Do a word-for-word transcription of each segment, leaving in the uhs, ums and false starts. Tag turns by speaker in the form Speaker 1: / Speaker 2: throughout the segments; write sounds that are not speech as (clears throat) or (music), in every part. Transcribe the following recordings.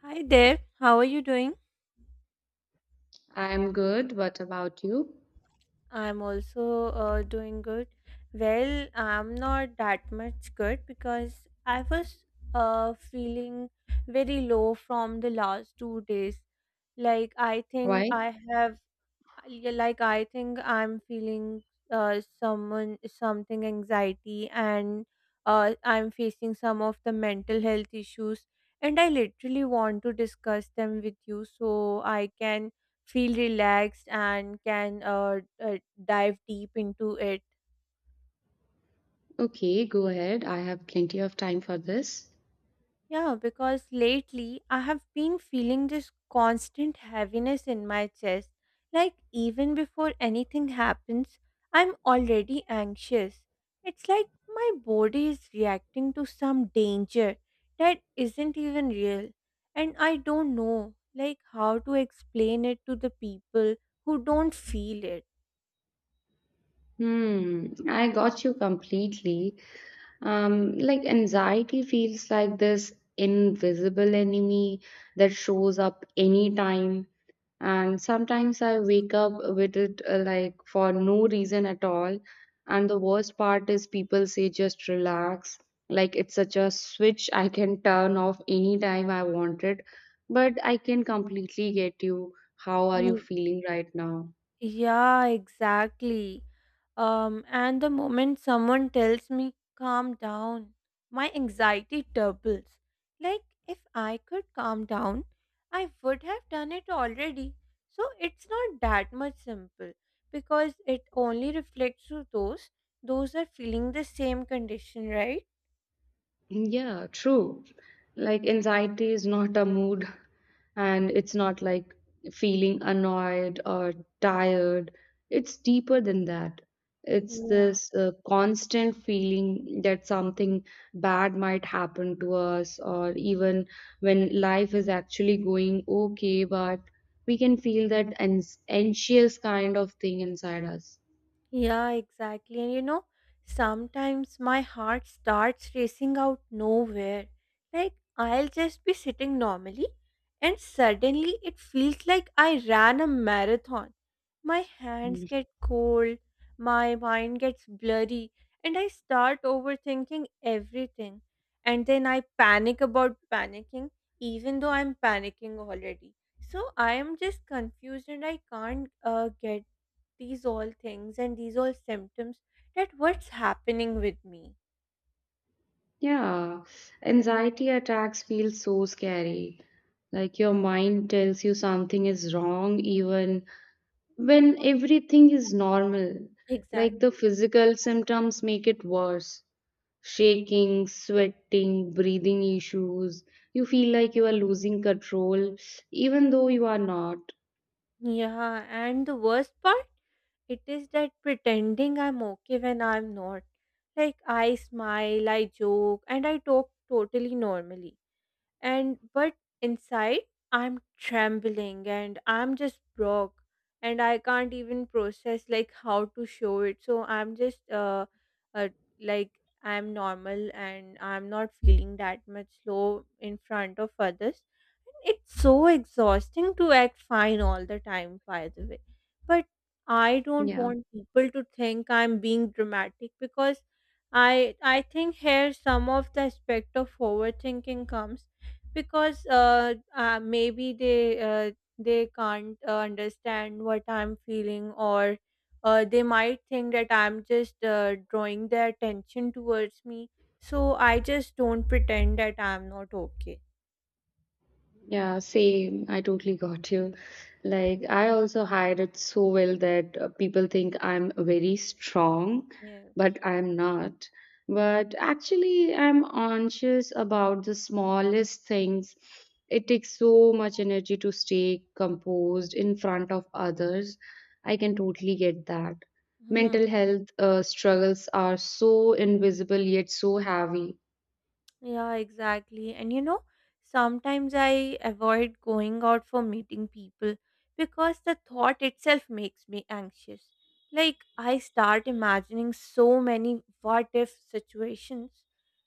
Speaker 1: Hi there, how are you doing?
Speaker 2: I'm good. What about you?
Speaker 1: I'm also uh, doing good. Well, I'm not that much good because I was uh, feeling very low from the last two days. Like, I think
Speaker 2: Why?
Speaker 1: I have I- yeah, like I think I'm feeling uh someone something anxiety, and uh I'm facing some of the mental health issues, and I literally want to discuss them with you so I can feel relaxed and can uh, uh dive deep into it.
Speaker 2: Okay, go ahead. I have plenty of time for this.
Speaker 1: Yeah, because lately I have been feeling this constant heaviness in my chest. Like, even before anything happens, I'm already anxious. It's like my body is reacting to some danger that isn't even real. And I don't know, like, how to explain it to the people who don't feel
Speaker 2: Hmm, I got you completely. Um, like anxiety feels like this invisible enemy that shows up anytime. And sometimes I wake up with it uh, like for no reason at all. And the worst part is people say just relax, like it's such a switch I can turn off anytime I want it. But I can completely get you. How are you
Speaker 1: it.
Speaker 2: feeling right now?
Speaker 1: Yeah, exactly. Um, and the moment someone tells me, calm down, my anxiety doubles. Like, if I could calm down, I would have done it already. So, it's not that much simple, because it only reflects to those those are feeling the same condition, right?
Speaker 2: Yeah, true. Like anxiety is not a mood, and it's not like feeling annoyed or tired. It's deeper than that. It's
Speaker 1: Yeah.
Speaker 2: this uh, constant feeling that something bad might happen to us, or even when life is actually going okay, but we can feel that ans- anxious kind of thing inside us.
Speaker 1: Yeah, exactly. And you know, sometimes my heart starts racing out nowhere. Like, I'll just be sitting normally, and suddenly it feels like I ran a marathon. My hands
Speaker 2: Hmm.
Speaker 1: get cold, my mind gets blurry, and I start overthinking everything. And then I panic about panicking, even though I'm panicking already. So I am just confused and I can't uh, get these all things and these all symptoms that what's happening with me.
Speaker 2: Yeah, anxiety attacks feel so scary. Like your mind tells you something is wrong, even when everything is normal. Like the
Speaker 1: Exactly.
Speaker 2: physical symptoms make it worse. Shaking, sweating, breathing issues. You feel like you are losing control, even though you are not.
Speaker 1: Yeah, and the worst part it is that pretending I'm okay when I'm not. Like, I smile, I joke, and I talk totally normally and but inside I'm trembling and I'm just broke, and I can't even process like how to show it, so I'm just uh, uh like I'm normal and I'm not feeling that much low in front of others. It's so exhausting to act fine all the time, by the way, but I don't
Speaker 2: Yeah.
Speaker 1: want people to think I'm being dramatic because i i think here some of the aspect of overthinking comes because uh, uh maybe they uh, they can't uh, understand what I'm feeling, or uh, they might think that I'm just uh, drawing their attention towards me, so I just don't pretend that I'm not okay.
Speaker 2: Yeah, same. I totally got you. Like, I also hide it so well that uh, people think I'm very strong,
Speaker 1: Yes.
Speaker 2: but I'm not. But actually, I'm anxious about the smallest things. It takes so much energy to stay composed in front of others. I can totally get that. Mental health uh, struggles are so invisible yet so heavy.
Speaker 1: Yeah, exactly. And you know, sometimes I avoid going out for meeting people because the thought itself makes me anxious. Like, I start imagining so many what if situations.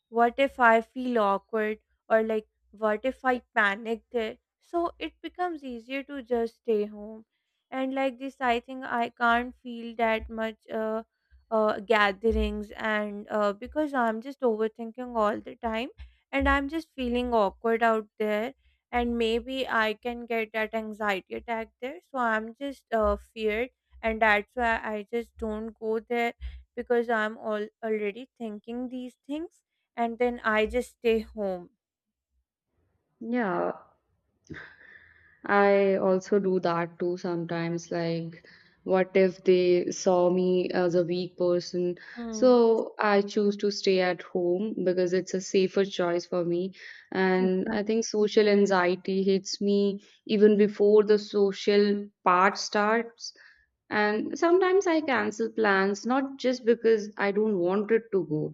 Speaker 1: What if I feel awkward? Or, like, what if I panic there? So it becomes easier to just stay home. And, like, this, I think I can't feel that much. Uh, uh, gatherings, and uh, because I'm just overthinking all the time and I'm just feeling awkward out there, and maybe I can get that anxiety attack there, so I'm just uh, feared, and that's why I just don't go there because I'm all already thinking these things, and then I just stay home.
Speaker 2: Yeah, I also do that too sometimes. Like, what if they saw me as a weak person?
Speaker 1: Mm.
Speaker 2: So I choose to stay at home because it's a safer choice for me. And I think social anxiety hits me even before the social part starts. And sometimes I cancel plans, not just because I don't want it to go,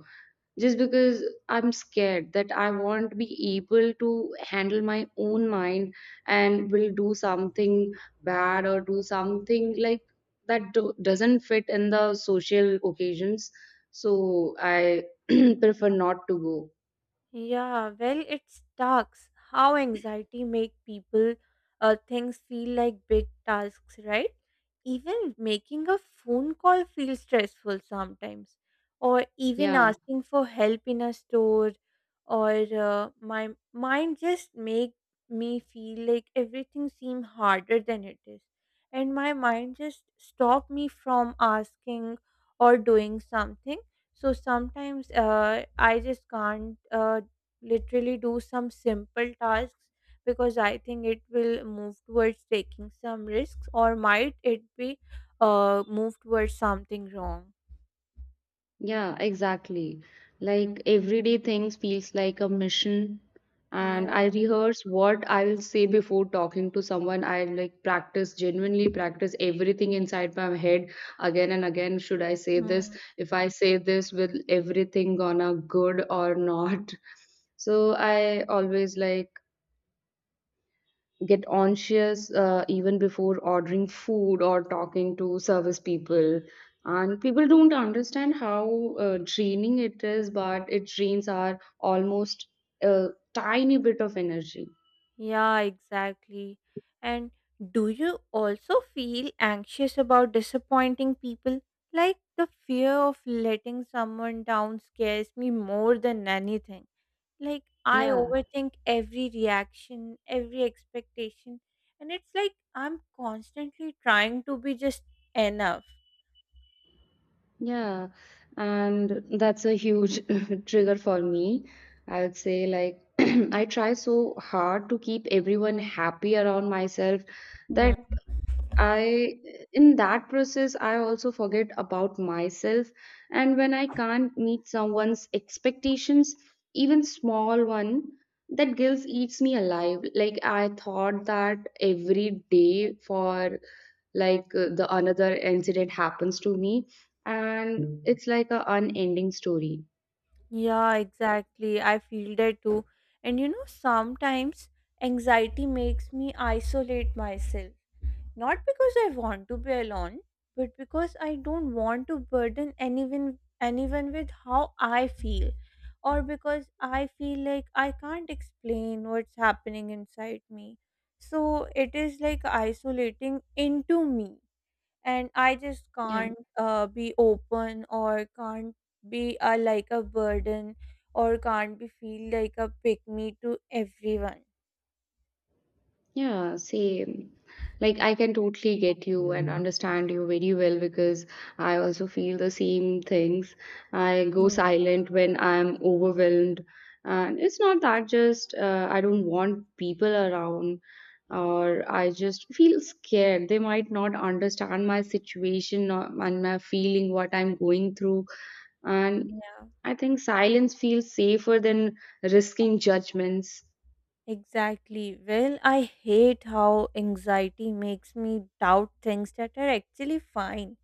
Speaker 2: just because I'm scared that I won't be able to handle my own mind and will do something bad or do something like that do- doesn't fit in the social occasions, so I (clears throat) prefer not to go.
Speaker 1: Yeah, well, it sucks how anxiety make people uh, things feel like big tasks, right? Even making a phone call feels stressful sometimes, or even
Speaker 2: Yeah.
Speaker 1: asking for help in a store, or uh, my mind just make me feel like everything seem harder than it is, and my mind just stop me from asking or doing something. So sometimes uh, I just can't uh, literally do some simple tasks, because I think it will move towards taking some risks, or might it be uh move towards something wrong.
Speaker 2: Yeah, exactly. Like everyday things feels like a mission, and
Speaker 1: Yeah.
Speaker 2: I rehearse what I'll say before talking to someone. I like practice, genuinely practice everything inside my head again and again. Should I say
Speaker 1: Hmm.
Speaker 2: this? If I say this, will everything gonna good or not? (laughs) So I always like get anxious uh, even before ordering food or talking to service people. And people don't understand how uh, draining it is, but it drains our almost a tiny bit of energy.
Speaker 1: Yeah, exactly. And do you also feel anxious about disappointing people? Like the fear of letting someone down scares me more than anything. Like, I
Speaker 2: Yeah,
Speaker 1: overthink every reaction, every expectation. And it's like I'm constantly trying to be just enough.
Speaker 2: yeah. And that's a huge (laughs) trigger for me. I would say, like, (clears throat) I try so hard to keep everyone happy around myself
Speaker 1: Hmm.
Speaker 2: that I, in that process, I also forget about myself. And when I can't meet someone's expectations, even small one, that guilt eats me alive. Like I thought that every day for like uh, the another incident happens to me, and it's like a unending story.
Speaker 1: Yeah, exactly. I feel that too. And you know, sometimes anxiety makes me isolate myself. Not because I want to be alone, but because I don't want to burden anyone anyone with how I feel, or because I feel like I can't explain what's happening inside me. So it is like isolating into me, and I just
Speaker 2: Yeah.
Speaker 1: can't uh, be open, or can't be uh, like a burden, or can't be feel like a pick me to everyone.
Speaker 2: Yeah, same. Like, I can totally get you and understand you very well because I also feel the same things. I go
Speaker 1: Mm.
Speaker 2: silent when I'm overwhelmed. And it's not that just uh, I don't want people around or I just feel scared. They might not understand my situation or, and my feeling, what I'm going through. And
Speaker 1: Yeah.
Speaker 2: I think silence feels safer than risking judgments.
Speaker 1: Exactly. Well, I hate how anxiety makes me doubt things that are actually fine,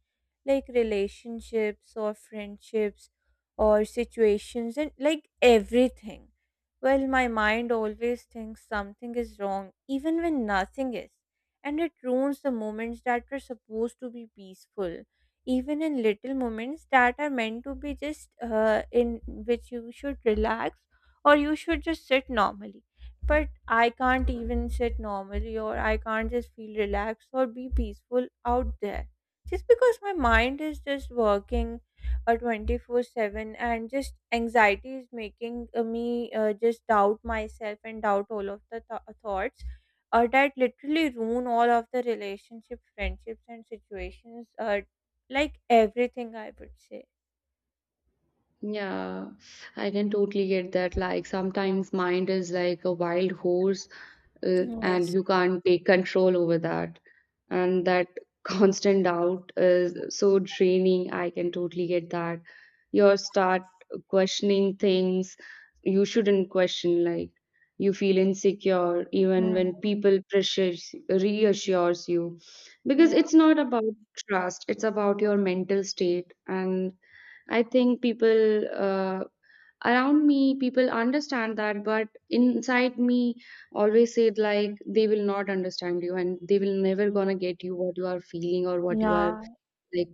Speaker 1: like relationships or friendships or situations and like everything. Well, my mind always thinks something is wrong, even when nothing is, and it ruins the moments that were supposed to be peaceful, even in little moments that are meant to be just uh, in which you should relax or you should just sit normally, but I can't even sit normally, or I can't just feel relaxed or be peaceful out there. Just because my mind is just working uh, twenty-four seven, and just anxiety is making uh, me uh, just doubt myself and doubt all of the th- thoughts uh, that literally ruin all of the relationship, friendships, and situations, uh, like everything, I would say.
Speaker 2: Yeah, I can totally get that. Like sometimes mind is like a wild horse, uh, and
Speaker 1: Yes.
Speaker 2: you can't take control over that. And that (laughs) constant doubt is so draining. I can totally get that. You start questioning things you shouldn't question. Like you feel insecure even
Speaker 1: Mm.
Speaker 2: when people pressures reassures you, because
Speaker 1: Yeah.
Speaker 2: it's not about trust. It's about your mental state, and I think people uh, around me, people understand that, but inside me, always said like they will not understand you and they will never gonna get you what you are feeling or what you are
Speaker 1: Yeah,
Speaker 2: like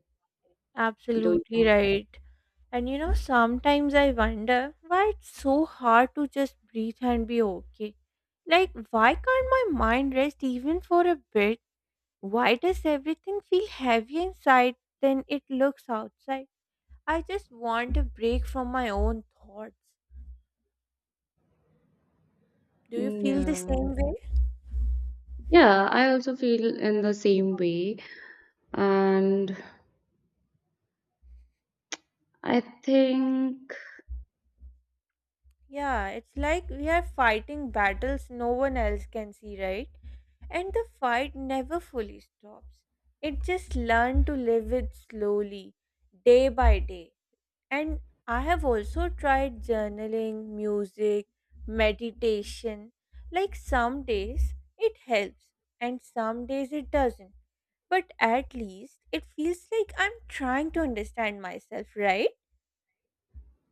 Speaker 1: absolutely
Speaker 2: doing.
Speaker 1: right. And you know, sometimes I wonder why it's so hard to just breathe and be okay. Like, why can't my mind rest even for a bit? Why does everything feel heavy inside than it looks outside? I just want a break from my own thoughts. Do you
Speaker 2: Mm,
Speaker 1: feel the
Speaker 2: yeah.
Speaker 1: same way?
Speaker 2: Yeah, I also feel in the same way. And I think,
Speaker 1: Yeah, it's like we are fighting battles no one else can see, right? And the fight never fully stops. It just learned to live it slowly, day by day. And I have also tried journaling, music, meditation. Like some days it helps, and some days it doesn't. But at least it feels like I'm trying to understand myself, right?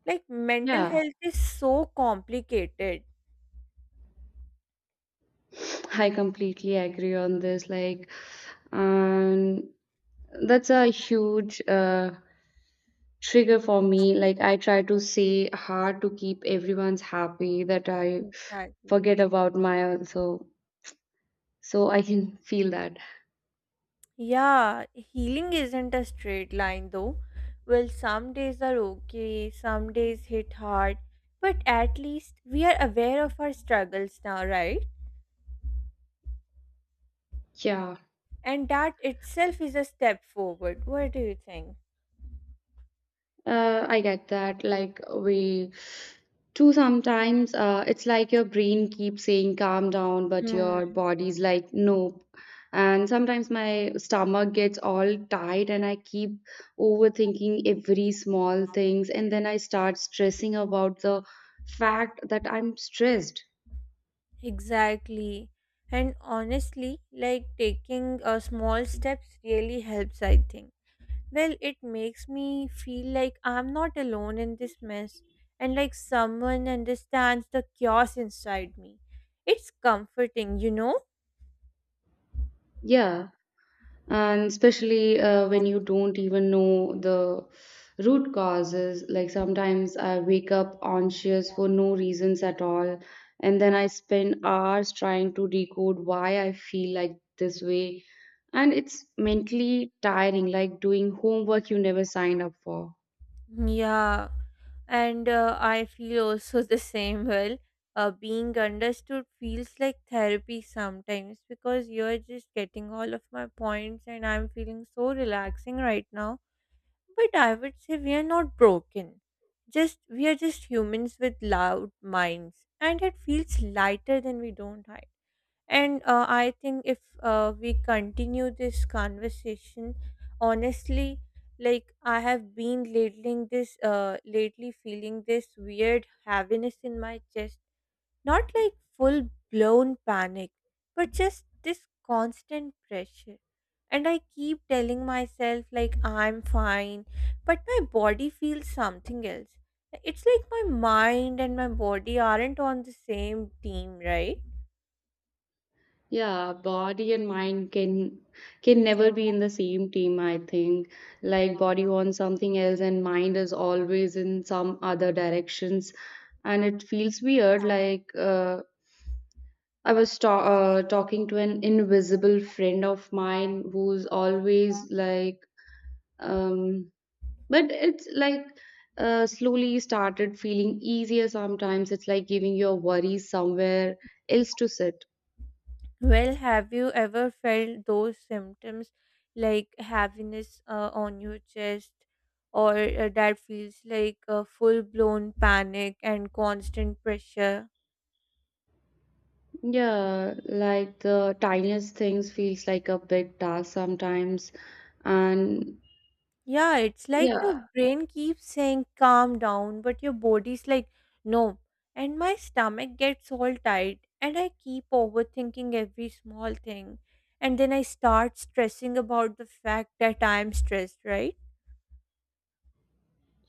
Speaker 1: Like mental
Speaker 2: yeah,
Speaker 1: health is so complicated.
Speaker 2: (sniffs) I completely agree on this. Like, and that's a huge uh, trigger for me. Like I try to say hard to keep everyone's happy that I
Speaker 1: Exactly.
Speaker 2: forget about my also. So so I can feel that.
Speaker 1: Yeah, healing isn't a straight line though. Well, some days are okay, some days hit hard, but at least we are aware of our struggles now, right?
Speaker 2: Yeah,
Speaker 1: And that itself is a step forward. What do you think?
Speaker 2: uh, I get that. Like we too sometimes uh, it's like your brain keeps saying calm down, but
Speaker 1: Hmm.
Speaker 2: your body's like nope. And sometimes my stomach gets all tight and I keep overthinking every small things, and then I start stressing about the fact that I'm stressed.
Speaker 1: Exactly. And honestly, like taking a small steps really helps, I think. Well, it makes me feel like I'm not alone in this mess, and like someone understands the chaos inside me. It's comforting, you know?
Speaker 2: Yeah, and especially uh, when you don't even know the root causes. Like sometimes I wake up anxious for no reasons at all, and then I spend hours trying to decode why I feel like this way. And it's mentally tiring, like doing homework you never signed up for.
Speaker 1: Yeah, and uh, I feel also (laughs) the same. Well, uh, being understood feels like therapy sometimes, because you're just getting all of my points and I'm feeling so relaxing right now. But I would say we are not broken. Just we are just humans with loud minds, and it feels lighter than we don't hide. And uh, I think if uh, we continue this conversation, honestly, like I have been ladling this, uh, lately feeling this weird heaviness in my chest. Not like full blown panic, but just this constant pressure. And I keep telling myself, like, I'm fine, but my body feels something else. It's like my mind and my body aren't on the same team, right?
Speaker 2: Yeah, body and mind can can never be in the same team, I think. Like body wants something else and mind is always in some other directions. And it feels weird. Like uh, I was ta uh, talking to an invisible friend of mine who's always like, um, but it's like uh, slowly started feeling easier sometimes. It's like giving your worries somewhere else to sit.
Speaker 1: Well, have you ever felt those symptoms like heaviness uh, on your chest, or uh, that feels like a full-blown panic and constant pressure?
Speaker 2: Yeah, like the tiniest things feels like a big task sometimes. And
Speaker 1: Yeah, it's like
Speaker 2: yeah,
Speaker 1: your brain keeps saying calm down, but your body's like no. And my stomach gets all tight, and I keep overthinking every small thing. And then I start stressing about the fact that I'm stressed, right?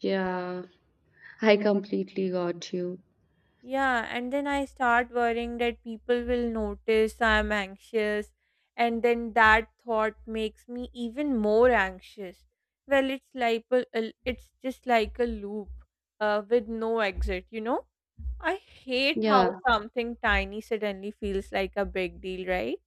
Speaker 2: yeah, I completely got you.
Speaker 1: Yeah, and then I start worrying that people will notice I'm anxious, and then that thought makes me even more anxious. Well, it's like a, a- it's just like a loop, uh, with no exit, you know? I hate how
Speaker 2: Yeah.
Speaker 1: something tiny suddenly feels like a big deal, right?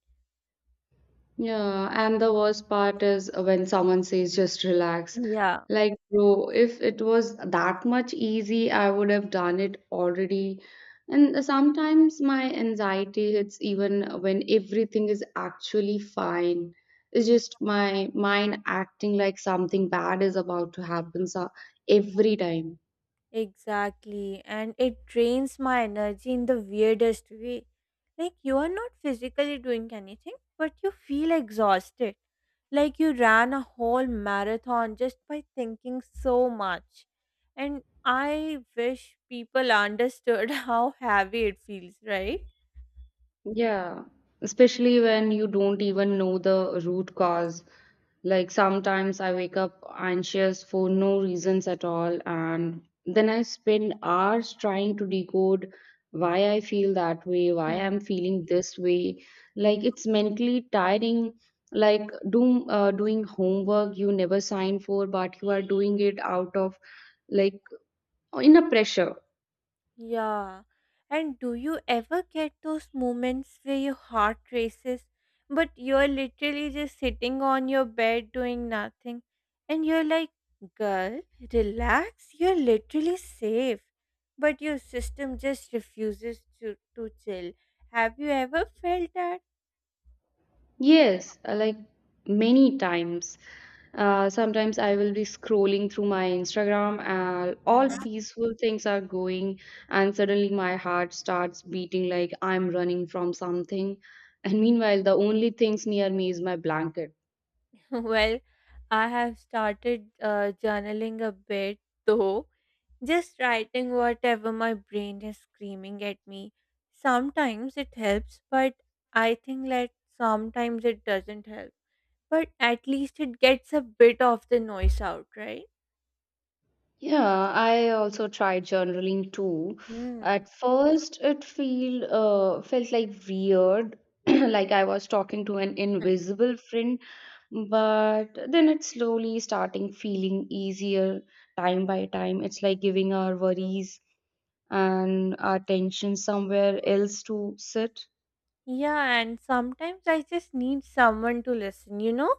Speaker 2: Yeah, and the worst part is when someone says just relax.
Speaker 1: Yeah.
Speaker 2: Like, bro, if it was that much easy, I would have done it already. And sometimes my anxiety hits even when everything is actually fine. It's just my mind acting like something bad is about to happen so every time.
Speaker 1: Exactly, and it drains my energy in the weirdest way. Like, you are not physically doing anything, but you feel exhausted. Like, you ran a whole marathon just by thinking so much. And I wish people understood (laughs) how heavy it feels, right?
Speaker 2: Yeah, especially when you don't even know the root cause. Like sometimes I wake up anxious for no reasons at all, and then I spend hours trying to decode why I feel that way, why I'm feeling this way. Like it's mentally tiring. Like doing uh, doing homework you never sign for, but you are doing it out of like in a pressure.
Speaker 1: Yeah. And do you ever get those moments where your heart races, but you're literally just sitting on your bed doing nothing? And you're like, girl, relax, you're literally safe. But your system just refuses to, to chill. Have you ever felt that?
Speaker 2: Yes, uh, like many times. Uh, sometimes I will be scrolling through my Instagram and
Speaker 1: Hmm.
Speaker 2: all
Speaker 1: (laughs)
Speaker 2: peaceful things are going, and suddenly my heart starts beating like I'm running from something. And meanwhile, the only things near me is my blanket.
Speaker 1: Well, I have started uh, journaling a bit though, just writing whatever my brain is screaming at me. Sometimes it helps, but I think that sometimes it doesn't help. But at least it gets a bit of the noise out, right?
Speaker 2: Yeah, I also tried journaling too.
Speaker 1: Hmm.
Speaker 2: At first, it feel uh, felt like weird, (clears throat) like I was talking to an invisible friend, but then it's slowly starting feeling easier time by time. It's like giving our worries and our tension somewhere else to sit.
Speaker 1: Yeah, and sometimes I just need someone to listen, you know?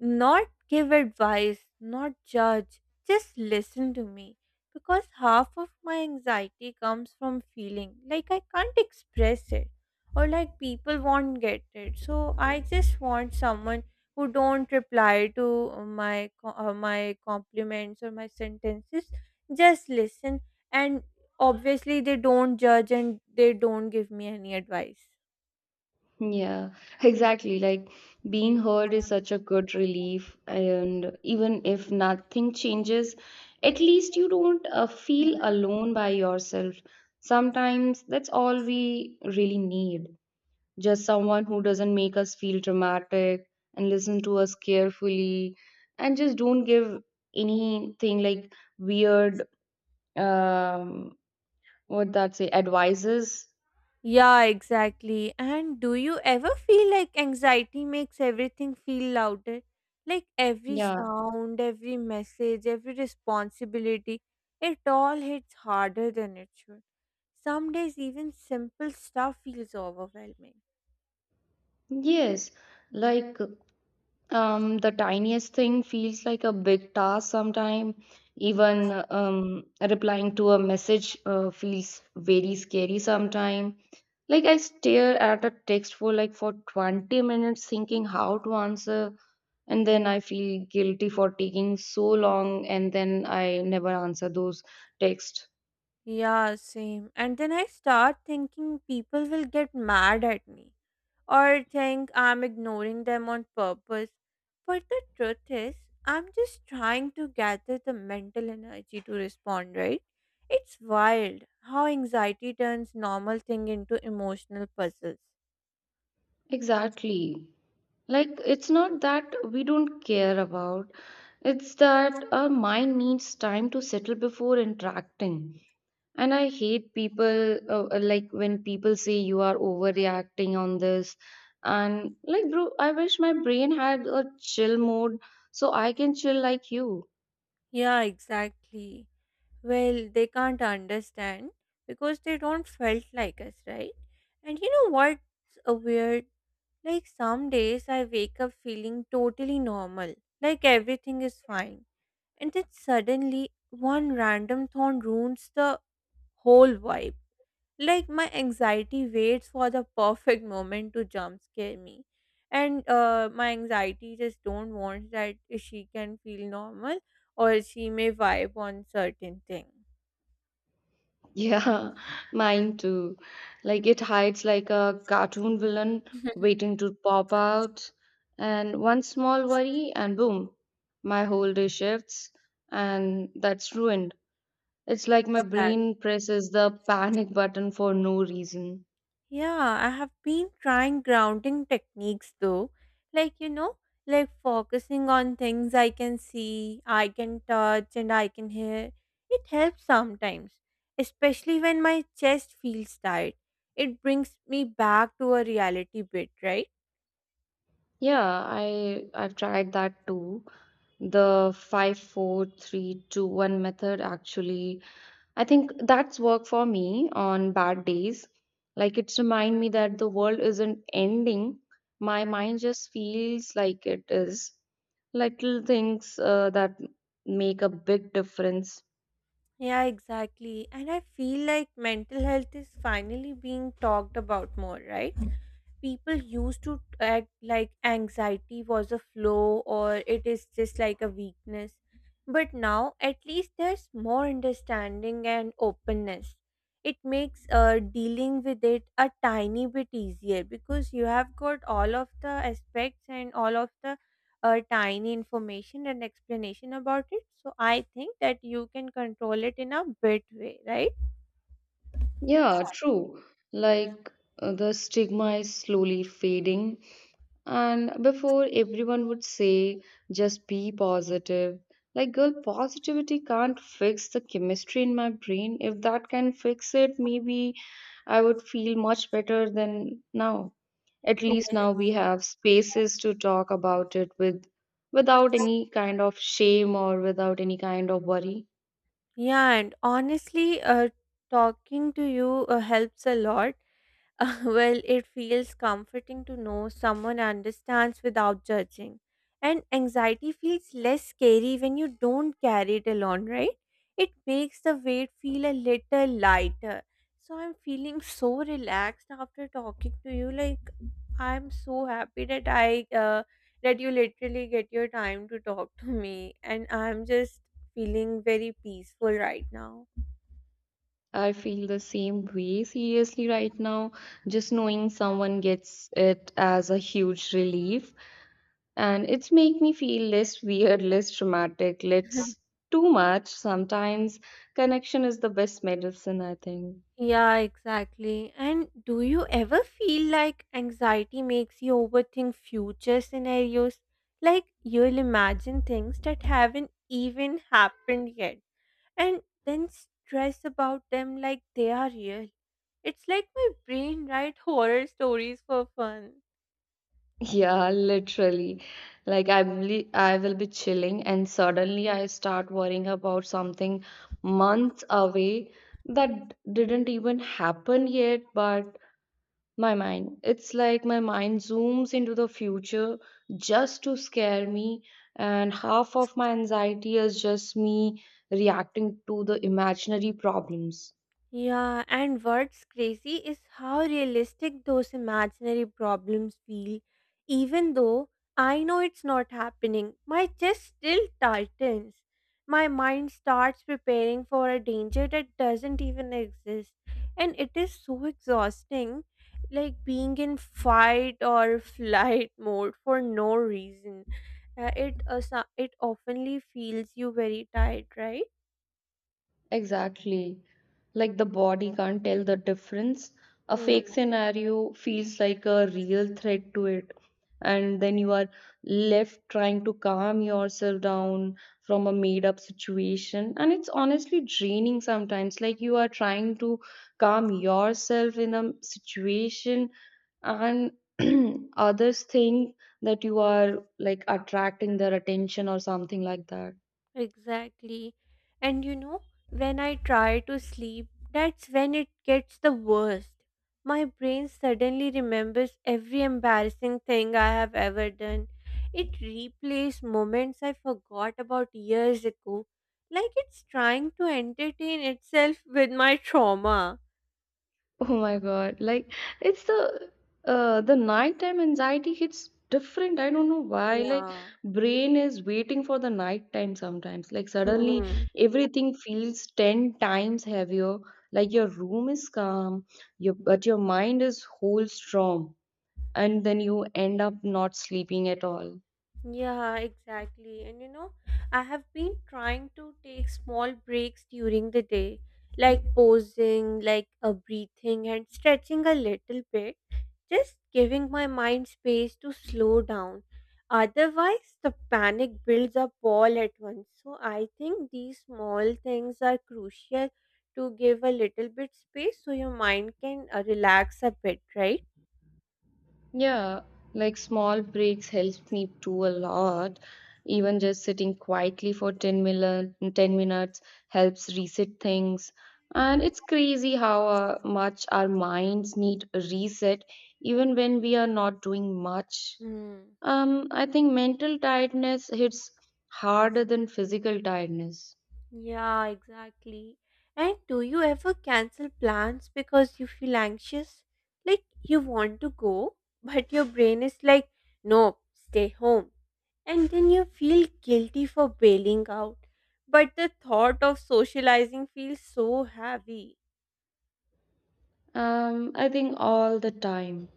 Speaker 1: Not give advice, not judge, just listen to me. Because half of my anxiety comes from feeling like I can't express it, or like people won't get it. So I just want someone who don't reply to my co- uh, my compliments or my sentences, just listen, and obviously they don't judge and they don't give me any advice.
Speaker 2: Yeah, exactly. Like being heard is such a good relief, and even if nothing changes, at least you don't uh, feel alone by yourself. Sometimes that's all we really need. Just someone who doesn't make us feel dramatic and listen to us carefully and just don't give anything like weird, um, what that say, advices.
Speaker 1: Yeah, exactly. And do you ever feel like anxiety makes everything feel louder? Like every
Speaker 2: Yeah.
Speaker 1: sound, every message, every responsibility, it all hits harder than it should. Some days, even simple stuff feels overwhelming.
Speaker 2: Yes. Like Um, the tiniest thing feels like a big task sometimes. Even um, replying to a message uh, feels very scary sometimes. Like I stare at a text for like for twenty minutes thinking how to answer, and then I feel guilty for taking so long, and then I never answer those texts.
Speaker 1: Yeah, same. And then I start thinking people will get mad at me or think I'm ignoring them on purpose. But the truth is, I'm just trying to gather the mental energy to respond, right? It's wild how anxiety turns normal thing into emotional puzzles.
Speaker 2: Exactly. Like, it's not that we don't care about, it's that our mind needs time to settle before interacting. And I hate people, uh, uh, like, when people say you are overreacting on this. And, like, bro, I wish my brain had a chill mode so I can chill like you.
Speaker 1: Yeah, exactly. Well, they can't understand because they don't felt like us, right? And you know what's a weird? Like some days I wake up feeling totally normal, like everything is fine and then suddenly one random thorn ruins the whole vibe. Like my anxiety waits for the perfect moment to jump scare me, and uh, my anxiety just don't want that she can feel normal or she may vibe on certain thing.
Speaker 2: Yeah, (laughs) mine too. Like it hides like a cartoon villain
Speaker 1: (laughs)
Speaker 2: waiting to pop out. And one small worry, and boom, my whole day shifts, and that's ruined. It's like my
Speaker 1: Exactly.
Speaker 2: brain presses the panic button for no reason.
Speaker 1: Yeah, I have been trying grounding techniques though. Like, you know, like focusing on things I can see, I can touch, and I can hear. It helps sometimes, especially when my chest feels tight. It brings me back to a reality bit, right?
Speaker 2: Yeah, I I've tried that too. The five, four, three, two, one method actually I think that's work for me on bad days. Like it's remind me that the world isn't ending. My mind just feels like it is. Little things uh, that make a big difference.
Speaker 1: Yeah, exactly. And I feel like mental health is finally being talked about more, right? People used to act like anxiety was a flaw or it is just like a weakness. But now, at least there's more understanding and openness. It makes uh, dealing with it a tiny bit easier because you have got all of the aspects and all of the uh, tiny information and explanation about it. So I think that you can control it in a bit way, right?
Speaker 2: Yeah, true. Like uh, the stigma is slowly fading. And before everyone would say, just be positive. Like, girl, positivity can't fix the chemistry in my brain. If that can fix it, maybe I would feel much better than now. At least
Speaker 1: Yes.
Speaker 2: now we have spaces to talk about it with without any kind of shame or without any kind of worry.
Speaker 1: Yeah, and honestly, uh, talking to you uh, helps a lot. (laughs) Uh, well, it feels comforting to know someone understands without judging. And anxiety feels less scary when you don't carry it alone, right? It makes the weight feel a little lighter. So I'm feeling (laughs) so relaxed after talking to you. Like I'm so happy that I uh, that you literally get your time to talk to me, and I'm just feeling very peaceful right now.
Speaker 2: I feel the same way seriously right now. Just knowing someone gets it as a huge relief. And it's make me feel less weird, less dramatic,
Speaker 1: (laughs)
Speaker 2: less too much sometimes. Connection is the best medicine, I think.
Speaker 1: Yeah, exactly. And do you ever feel like anxiety makes you overthink future scenarios? Like you'll imagine things that haven't even happened yet and then stress about them like they are real. It's like my brain write horror stories for fun.
Speaker 2: (laughs) Yeah, literally. Like I believe I will be chilling and suddenly I start worrying about something months away that didn't even happen yet. But My mind. It's like my mind zooms into the future just to scare me, and half of my anxiety is just me reacting to the imaginary problems.
Speaker 1: Yeah, and what's crazy is how realistic those imaginary problems feel. Even though I know it's not happening, my chest still tightens. My mind starts preparing for a danger that doesn't even exist. And it is so exhausting, like being in fight or (laughs) flight mode for no reason. Uh, it, uh, so- it oftenly feels you very tired, right?
Speaker 2: Exactly. Like the body can't tell the difference. A
Speaker 1: Hmm.
Speaker 2: fake scenario feels like a real threat to it. And then you are left trying to calm yourself down from a made up situation. And it's honestly draining sometimes. Like you are trying to calm yourself in a situation, and (clears throat) others think that you are like attracting their attention or something like that.
Speaker 1: Exactly. And you know, when I try to sleep, that's when it gets the worst. My brain suddenly remembers every embarrassing thing I have ever done. It replays moments I forgot about years ago, like it's trying to entertain itself with my trauma.
Speaker 2: Oh my God. Like it's the uh the nighttime anxiety hits different. I don't know why. Like
Speaker 1: Yeah.
Speaker 2: brain is waiting for the nighttime sometimes. Like suddenly
Speaker 1: Hmm.
Speaker 2: everything feels ten times heavier. Like your room is calm, your but your mind is whole storm. And then you end up not sleeping at all.
Speaker 1: Yeah, exactly. And you know, I have been trying to take small breaks during the day, like pausing, like a breathing and stretching a little bit, just giving my mind space to slow down. Otherwise, the panic builds up all at once. So I think these small things are crucial to give a little bit space so your mind can uh, relax a bit, right?
Speaker 2: Yeah, like small breaks helps me too a lot. Even just sitting quietly for 10 mil ten minutes helps reset things. And it's crazy how uh, much our minds need a reset even when we are not doing much.
Speaker 1: Hmm.
Speaker 2: Um, I think mental tiredness hits harder than physical tiredness.
Speaker 1: Yeah, exactly. And do you ever cancel plans because you feel anxious? Like you want to go, (laughs) but your brain is like, no, stay home. And then you feel guilty for bailing out. But the thought of socializing feels so heavy.
Speaker 2: Um, I think all the time.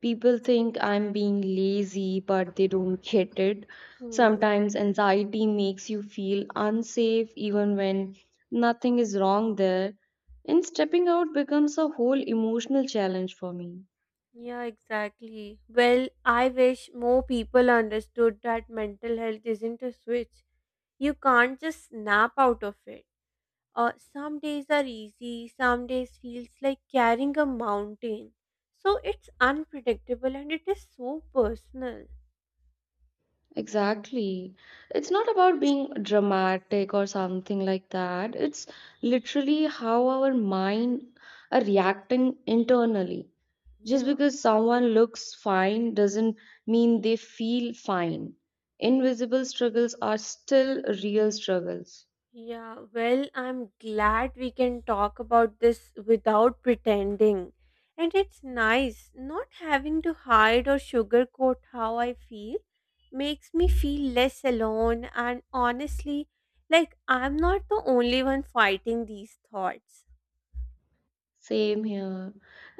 Speaker 2: People think I'm being lazy, but they don't get it.
Speaker 1: Hmm.
Speaker 2: Sometimes anxiety makes you feel unsafe even when nothing is wrong there. And stepping out becomes a whole emotional challenge for me.
Speaker 1: Yeah, exactly. Well, I wish more people understood that mental health isn't a switch. You can't just snap out of it. Uh, some days are easy, some days feels like carrying a mountain. So it's unpredictable and it is so personal.
Speaker 2: Exactly. It's not about being dramatic or something like that. It's literally how our mind are reacting internally. Just
Speaker 1: Yeah,
Speaker 2: because someone looks fine doesn't mean they feel fine. Invisible struggles are still real struggles.
Speaker 1: yeah. Well, I'm glad we can talk about this without pretending. And it's nice not having to hide or sugarcoat how I feel makes me feel less alone and honestly like I'm not the only one fighting these thoughts.
Speaker 2: Same here.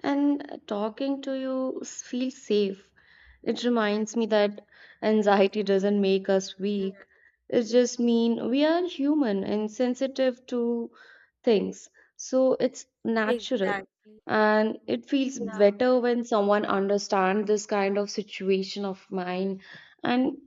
Speaker 2: And talking to you s- feels safe. It reminds me that anxiety doesn't make us
Speaker 1: Mm.
Speaker 2: weak. It just mean we are human and sensitive to things. So it's natural.
Speaker 1: Exactly.
Speaker 2: And it feels
Speaker 1: Yeah.
Speaker 2: better when someone understands this kind of situation of mine. And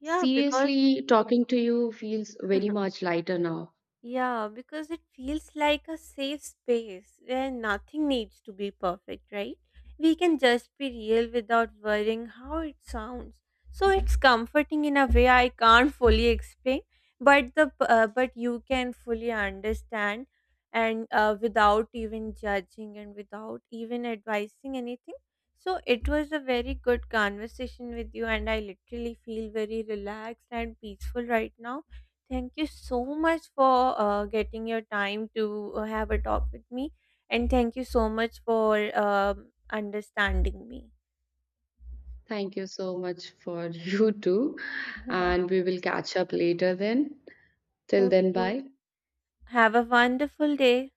Speaker 1: Yeah, because
Speaker 2: seriously, talking to you feels very
Speaker 1: (laughs)
Speaker 2: much lighter now.
Speaker 1: yeah, because it feels like a safe space where nothing needs to be perfect, right? We can just be real without worrying how it sounds. So it's comforting in a way I can't fully explain, but the p- uh, but you can fully understand and uh, without even judging and without even advising anything. So it was a very good conversation with you and I literally feel very relaxed and peaceful right now. Thank you so much for uh, getting your time to uh, have a talk with me. And thank you so much for um understanding me.
Speaker 2: Thank you so much for (laughs) you too. And
Speaker 1: (laughs)
Speaker 2: we will catch up later then. Till then,
Speaker 1: Okay.
Speaker 2: bye.
Speaker 1: Have a wonderful day.